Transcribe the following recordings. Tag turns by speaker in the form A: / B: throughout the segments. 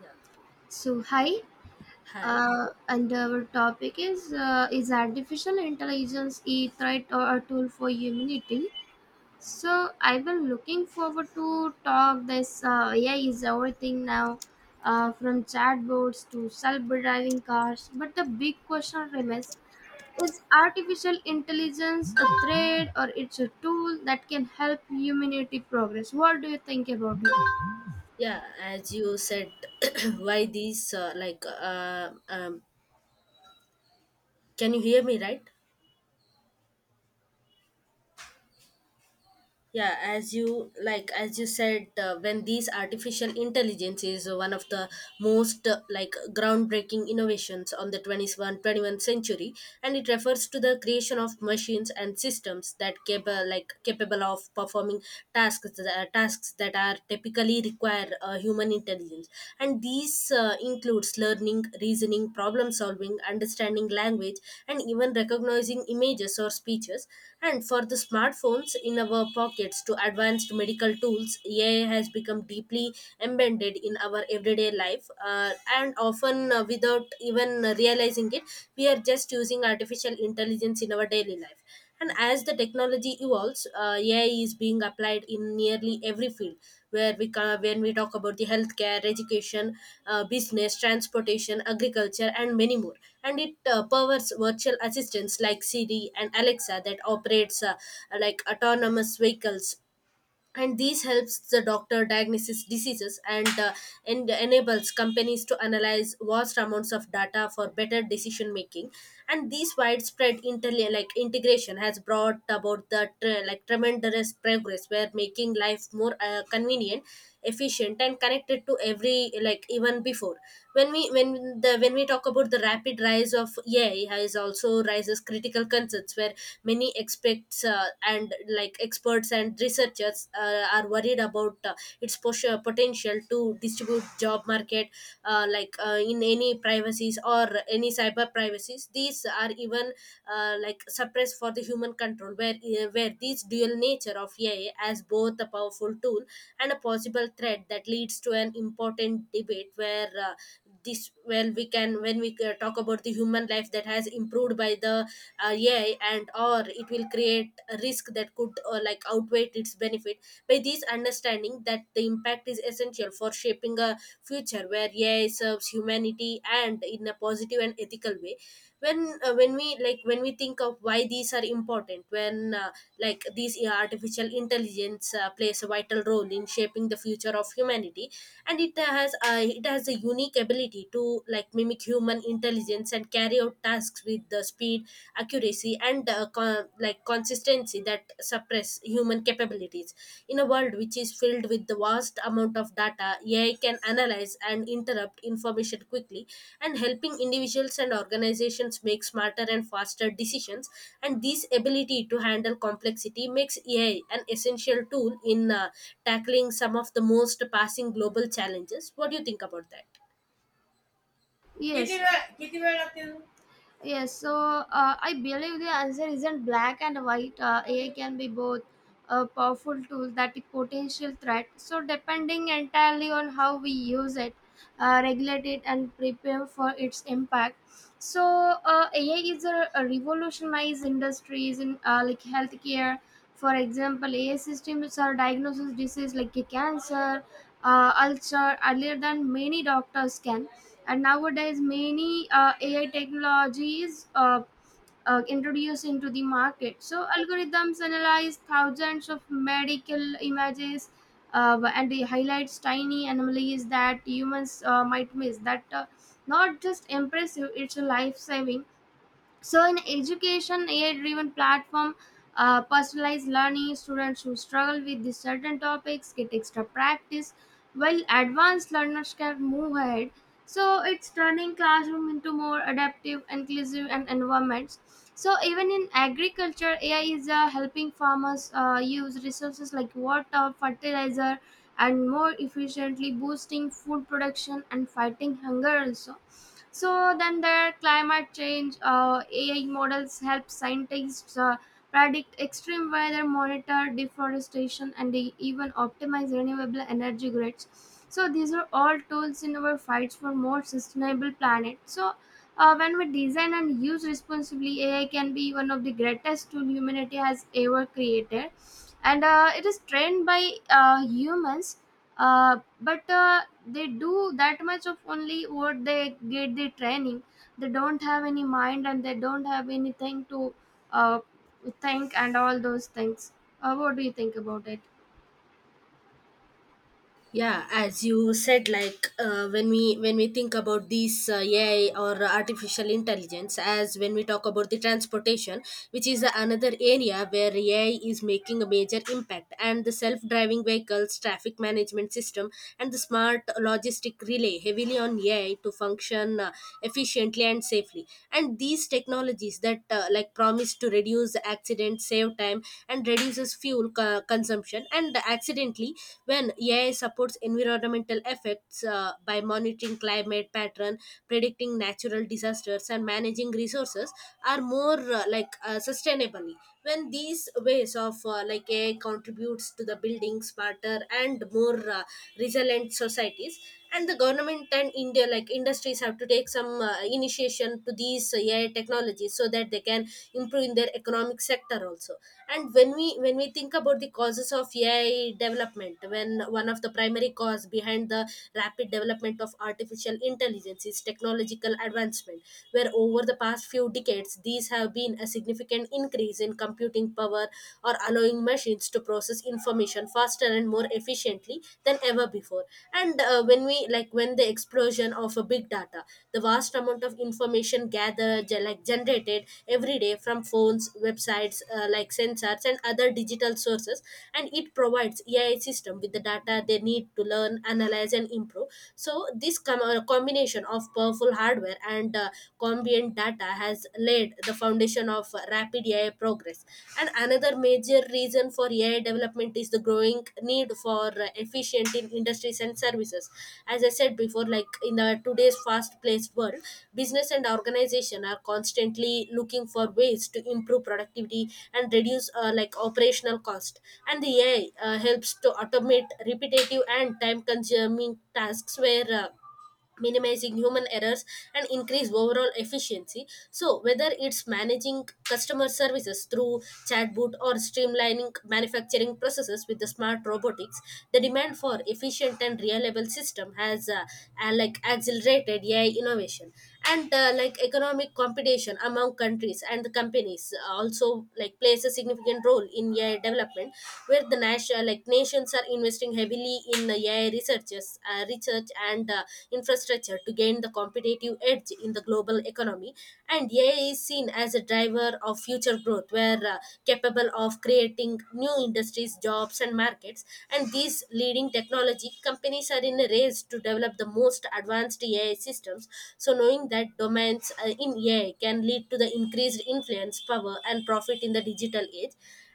A: Yeah.
B: So hi,
A: Hi.
B: and our topic is artificial intelligence a threat or a tool for humanity? So I've been looking forward to talk this. AI is everything now, from chatbots to self-driving cars. But the big question remains: is artificial intelligence a threat or it's a tool that can help humanity progress? What do you think about it?
A: Yeah, as you said, why these like can you hear me right? Yeah, as you said, when these artificial intelligence is one of the most like groundbreaking innovations on the 21st century, and it refers to the creation of machines and systems that capable of performing tasks that are typically require human intelligence. And these includes learning, reasoning, problem solving, understanding language and even recognizing images or speeches. And for the smartphones in our pockets to advanced medical tools, AI has become deeply embedded in our everyday life, and often without even realizing it we are just using artificial intelligence in our daily life. And as the technology evolves, AI is being applied in nearly every field. Where when we talk about the healthcare, education, business, transportation, agriculture, and many more, and it powers virtual assistants like Siri and Alexa that operates like autonomous vehicles, and these helps the doctor diagnose diseases, and and enables companies to analyze vast amounts of data for better decision making. And this widespread like integration has brought about the like tremendous progress where making life more convenient, efficient and connected to every like even before. When we when the when we talk about the rapid rise of AI has also raises critical concerns where many experts and experts and researchers are worried about its potential to distribute job market, in any privacies or any cyber privacies. These are even like suppressed for the human control where these dual nature of AI as both a powerful tool and a possible threat that leads to an important debate where this well we can when we talk about the human life that has improved by the AI, and or it will create a risk that could like outweigh its benefit. By this understanding that the impact is essential for shaping a future where AI serves humanity and in a positive and ethical way. When we think of why these are important, when like these artificial intelligence plays a vital role in shaping the future of humanity, and it has a unique ability to like mimic human intelligence and carry out tasks with the speed, accuracy and like consistency that suppress human capabilities. In a world which is filled with the vast amount of data, AI can analyze and interrupt information quickly, and helping individuals and organizations make smarter and faster decisions. And this ability to handle complexity makes AI an essential tool in tackling some of the most passing global challenges. What do you think about that?
B: किती Yes. किती वेळ लागते. Yes, so I believe the answer isn't black and white. AI can be both a powerful tool that is potential threat, so depending entirely on how we use it, regulate it, and prepare for its impact. So AI is a revolutionized industries in like healthcare. For example, AI systems are diagnosis disease like a cancer, ulcer earlier than many doctors can, and nowadays many AI technologies introduced into the market. So algorithms analyze thousands of medical images, and it highlights tiny anomalies that humans might miss. That not just impressive, it's a life saving. So in education, AI driven platform personalized learning, students who struggle with these certain topics get extra practice, while advanced learners can move ahead. So it's turning classroom into more adaptive, inclusive and environments. So even in agriculture, AI is helping farmers use resources like water, fertilizer and more efficiently, boosting food production and fighting hunger also. So then there are climate change. Uh, AI models help scientists predict extreme weather, monitor deforestation and even optimize renewable energy grids. So these are all tools in our fights for more sustainable planet. So when we design and use responsibly, AI can be one of the greatest tool humanity has ever created. And it is trained by humans. But they do that much of only what they get the training. They don't have any mind and they don't have anything to uh, think and all those things. What do you think about it?
A: Yeah, as you said, when we think about these AI or artificial intelligence. As when we talk about the transportation, which is another area where AI is making a major impact, and the self driving vehicles, traffic management system and the smart logistic relay heavily on AI to function efficiently and safely. And these technologies that like promise to reduce accidents, save time and reduces fuel consumption. And accidentally, when AI supports environmental effects by monitoring climate pattern, predicting natural disasters and managing resources are more sustainably. When these ways of AI contributes to the building smarter and more resilient societies. And the government and india like industries have to take some initiation to these AI technologies so that they can improve in their economic sector also. And when we think about the causes of AI development, when one of the primary cause behind the rapid development of artificial intelligence is technological advancement, where over the past few decades these have been a significant increase in computing power, or allowing machines to process information faster and more efficiently than ever before. And uh, when we like when the explosion of a big data, the vast amount of information gathered like generated every day from phones, websites, like sensors and other digital sources, and it provides AI system with the data they need to learn, analyze and improve. So this combination of powerful hardware and ambient data has led laid the foundation of rapid AI progress. And another major reason for AI development is the growing need for efficient in industries and services. As I said before, like in the today's fast-paced world, business and organization are constantly looking for ways to improve productivity and reduce like operational cost. And the AI helps to automate repetitive and time-consuming tasks where minimizing human errors and increase overall efficiency. So whether it's managing customer services through chatbot or streamlining manufacturing processes with the smart robotics, the demand for efficient and reliable system has like accelerated AI innovation. And like economic competition among countries and the companies also like plays a significant role in AI development, where the national like nations are investing heavily in the AI researches, research and infrastructure to gain the competitive edge in the global economy. And AI is seen as a driver of future growth, where capable of creating new industries, jobs, and markets. And these leading technology companies are in a race to develop the most advanced AI systems. So, knowing that domains in AI can lead to the increased influence, power, and profit in the digital age.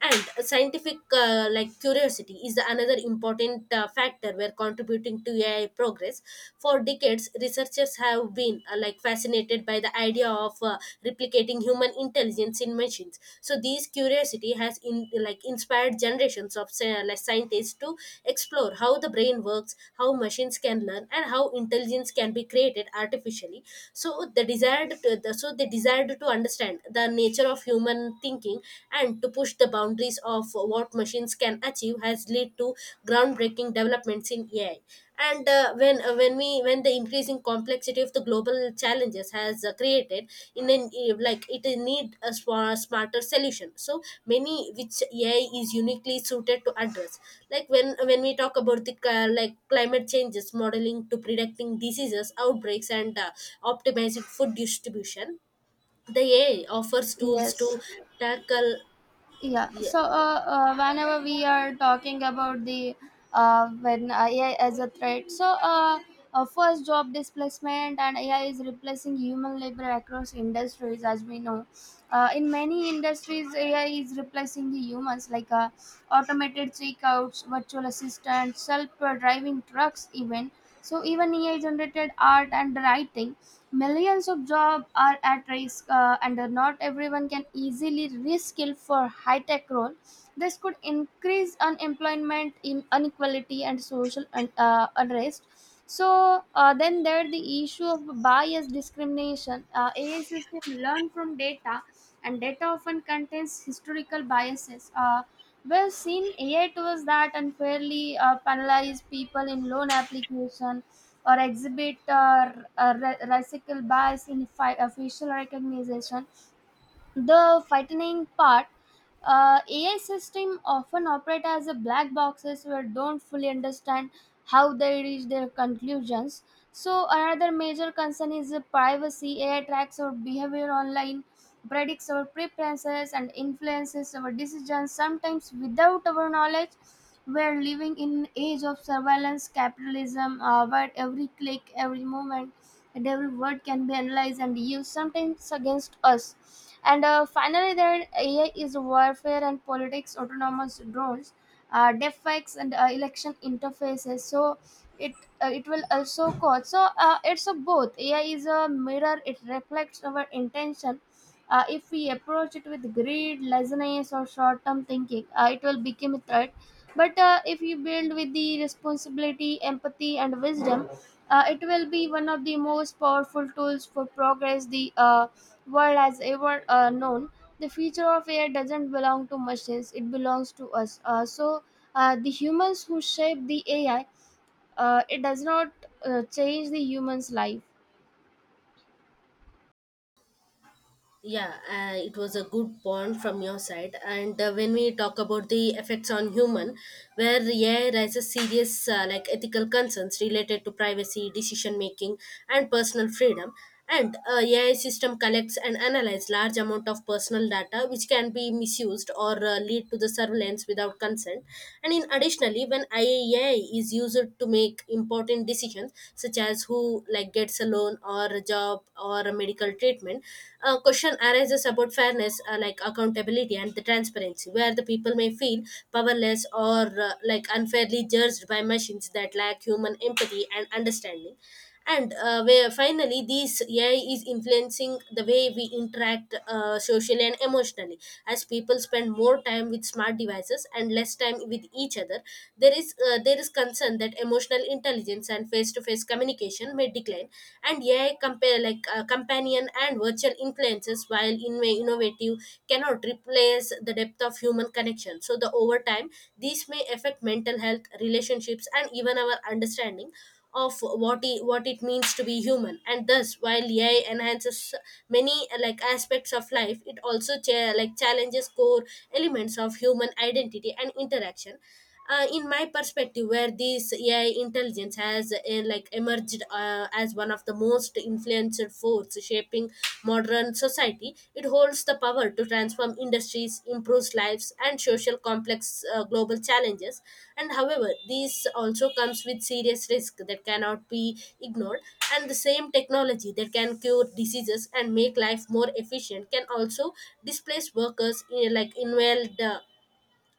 A: And scientific like curiosity is the another important factor where contributing to AI progress. For decades, researchers have been like fascinated by the idea of replicating human intelligence in machines. So this curiosity has in like inspired generations of like scientists to explore how the brain works, how machines can learn and how intelligence can be created artificially. So they desired to understand the nature of human thinking, and to push the boundaries of what machines can achieve has led to groundbreaking developments in AI. And when we when the increasing complexity of the global challenges has created in an like it need a smarter solution. So many which AI is uniquely suited to address. Like when we talk about the like climate changes, modeling to predicting diseases, outbreaks, and optimizing food distribution, the AI offers tools
B: Yes.
A: to tackle.
B: Yeah.
A: Yeah,
B: So whenever we are talking about the when AI as a threat, so first job displacement, and AI is replacing human labor across industries, as we know. In many industries, AI is replacing the humans, like automated checkouts, virtual assistants, self-driving trucks, even. So even AI generated art and writing. Millions of jobs are at risk, and not everyone can easily reskill for high tech role. This could increase unemployment, in inequality, and social unrest. So then there the issue of bias discrimination. AI system learn from data, and data often contains historical biases. We've seen AI tools that unfairly penalize people in loan application or exhibit recycle bias in facial recognition. The frightening part, AI system often operate as a black boxes where don't fully understand how they reach their conclusions. So another major concern is the privacy. AI tracks our behavior online, predicts our preferences and influences our decisions sometimes without our knowledge. We're living in an age of surveillance capitalism, where every click, every moment and every word can be analyzed and used sometimes against us. And finally, there AI is warfare and politics, autonomous drones, deepfakes, and election interfaces. So it, it will also cause. So it's a both. AI is a mirror. It reflects our intention. If we approach it with greed, laziness, or short-term thinking, it will become a threat. But if you build with the responsibility, empathy, and wisdom, it will be one of the most powerful tools for progress the world has ever known. The future of AI doesn't belong to machines, it belongs to us. So the humans who shape the AI, it does not change the human's life.
A: yeah, it was a good point from your side. And when we talk about the effects on human, where AI raises serious like ethical concerns related to privacy, decision making, and personal freedom. And AI system collects and analyzes large amount of personal data, which can be misused or lead to the surveillance without consent. And in additionally, when AI is used to make important decisions, such as who like gets a loan or a job or a medical treatment, a question arises about fairness, like accountability and the transparency, where the people may feel powerless or like unfairly judged by machines that lack human empathy and understanding. And where finally, this AI is influencing the way we interact socially and emotionally. As people spend more time with smart devices and less time with each other, there is concern that emotional intelligence and face-to-face communication may decline, and AI compare like companion and virtual influences, while in innovative, cannot replace the depth of human connection. So the over time, these may affect mental health, relationships, and even our understanding of what it means to be human. And thus while AI enhances many like aspects of life, it also like challenges core elements of human identity and interaction. In my perspective, where this AI intelligence has like emerged as one of the most influential force shaping modern society, it holds the power to transform industries, improve lives and social complex global challenges. And however this also comes with serious risk that cannot be ignored. And the same technology that can cure diseases and make life more efficient can also displace workers in like invalid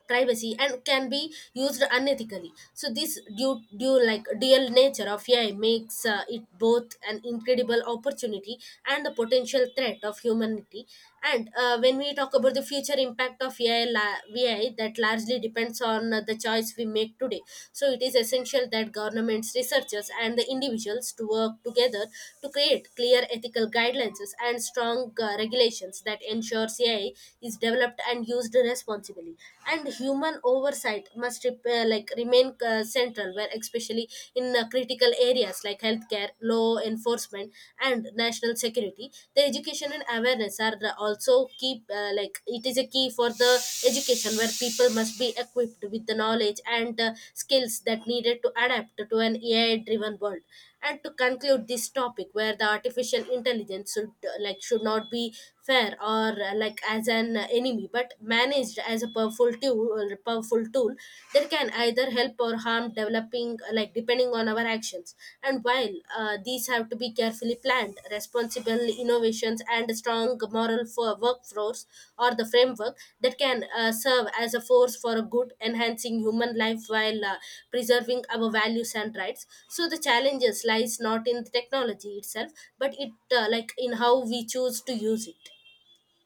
A: privacy and can be used unethically. So this due, due like dual nature of AI makes it both an incredible opportunity and a potential threat of humanity. And when we talk about the future impact of AI, that largely depends on the choice we make today. So it is essential that governments, researchers and the individuals to work together to create clear ethical guidelines and strong regulations that ensures AI is developed and used responsibly. And human oversight must like remain central, where especially in critical areas like healthcare, law enforcement and national security. The education and awareness are the also key it is a key for the education where people must be equipped with the knowledge and skills that needed to adapt to an AI driven world. And to conclude this topic where the artificial intelligence should like should not be fair or like as an enemy but managed as a powerful tool that can either help or harm developing like depending on our actions. And while these have to be carefully planned responsible innovations, and strong moral for workforce or the framework that can serve as a force for a good, enhancing human life while preserving our values and rights. So the challenges lies not in the technology itself, but it like in how we choose to use it.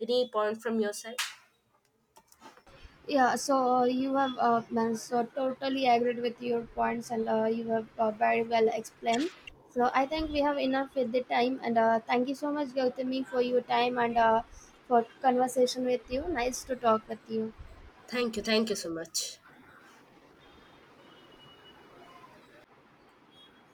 A: Any point from your side?
B: Yeah, so you have man, so totally agreed with your points, and you have very well explained. So I think we have enough with the time, and thank you so much, Gautami, for your time and for conversation with you. Nice to talk with you.
A: Thank you so much.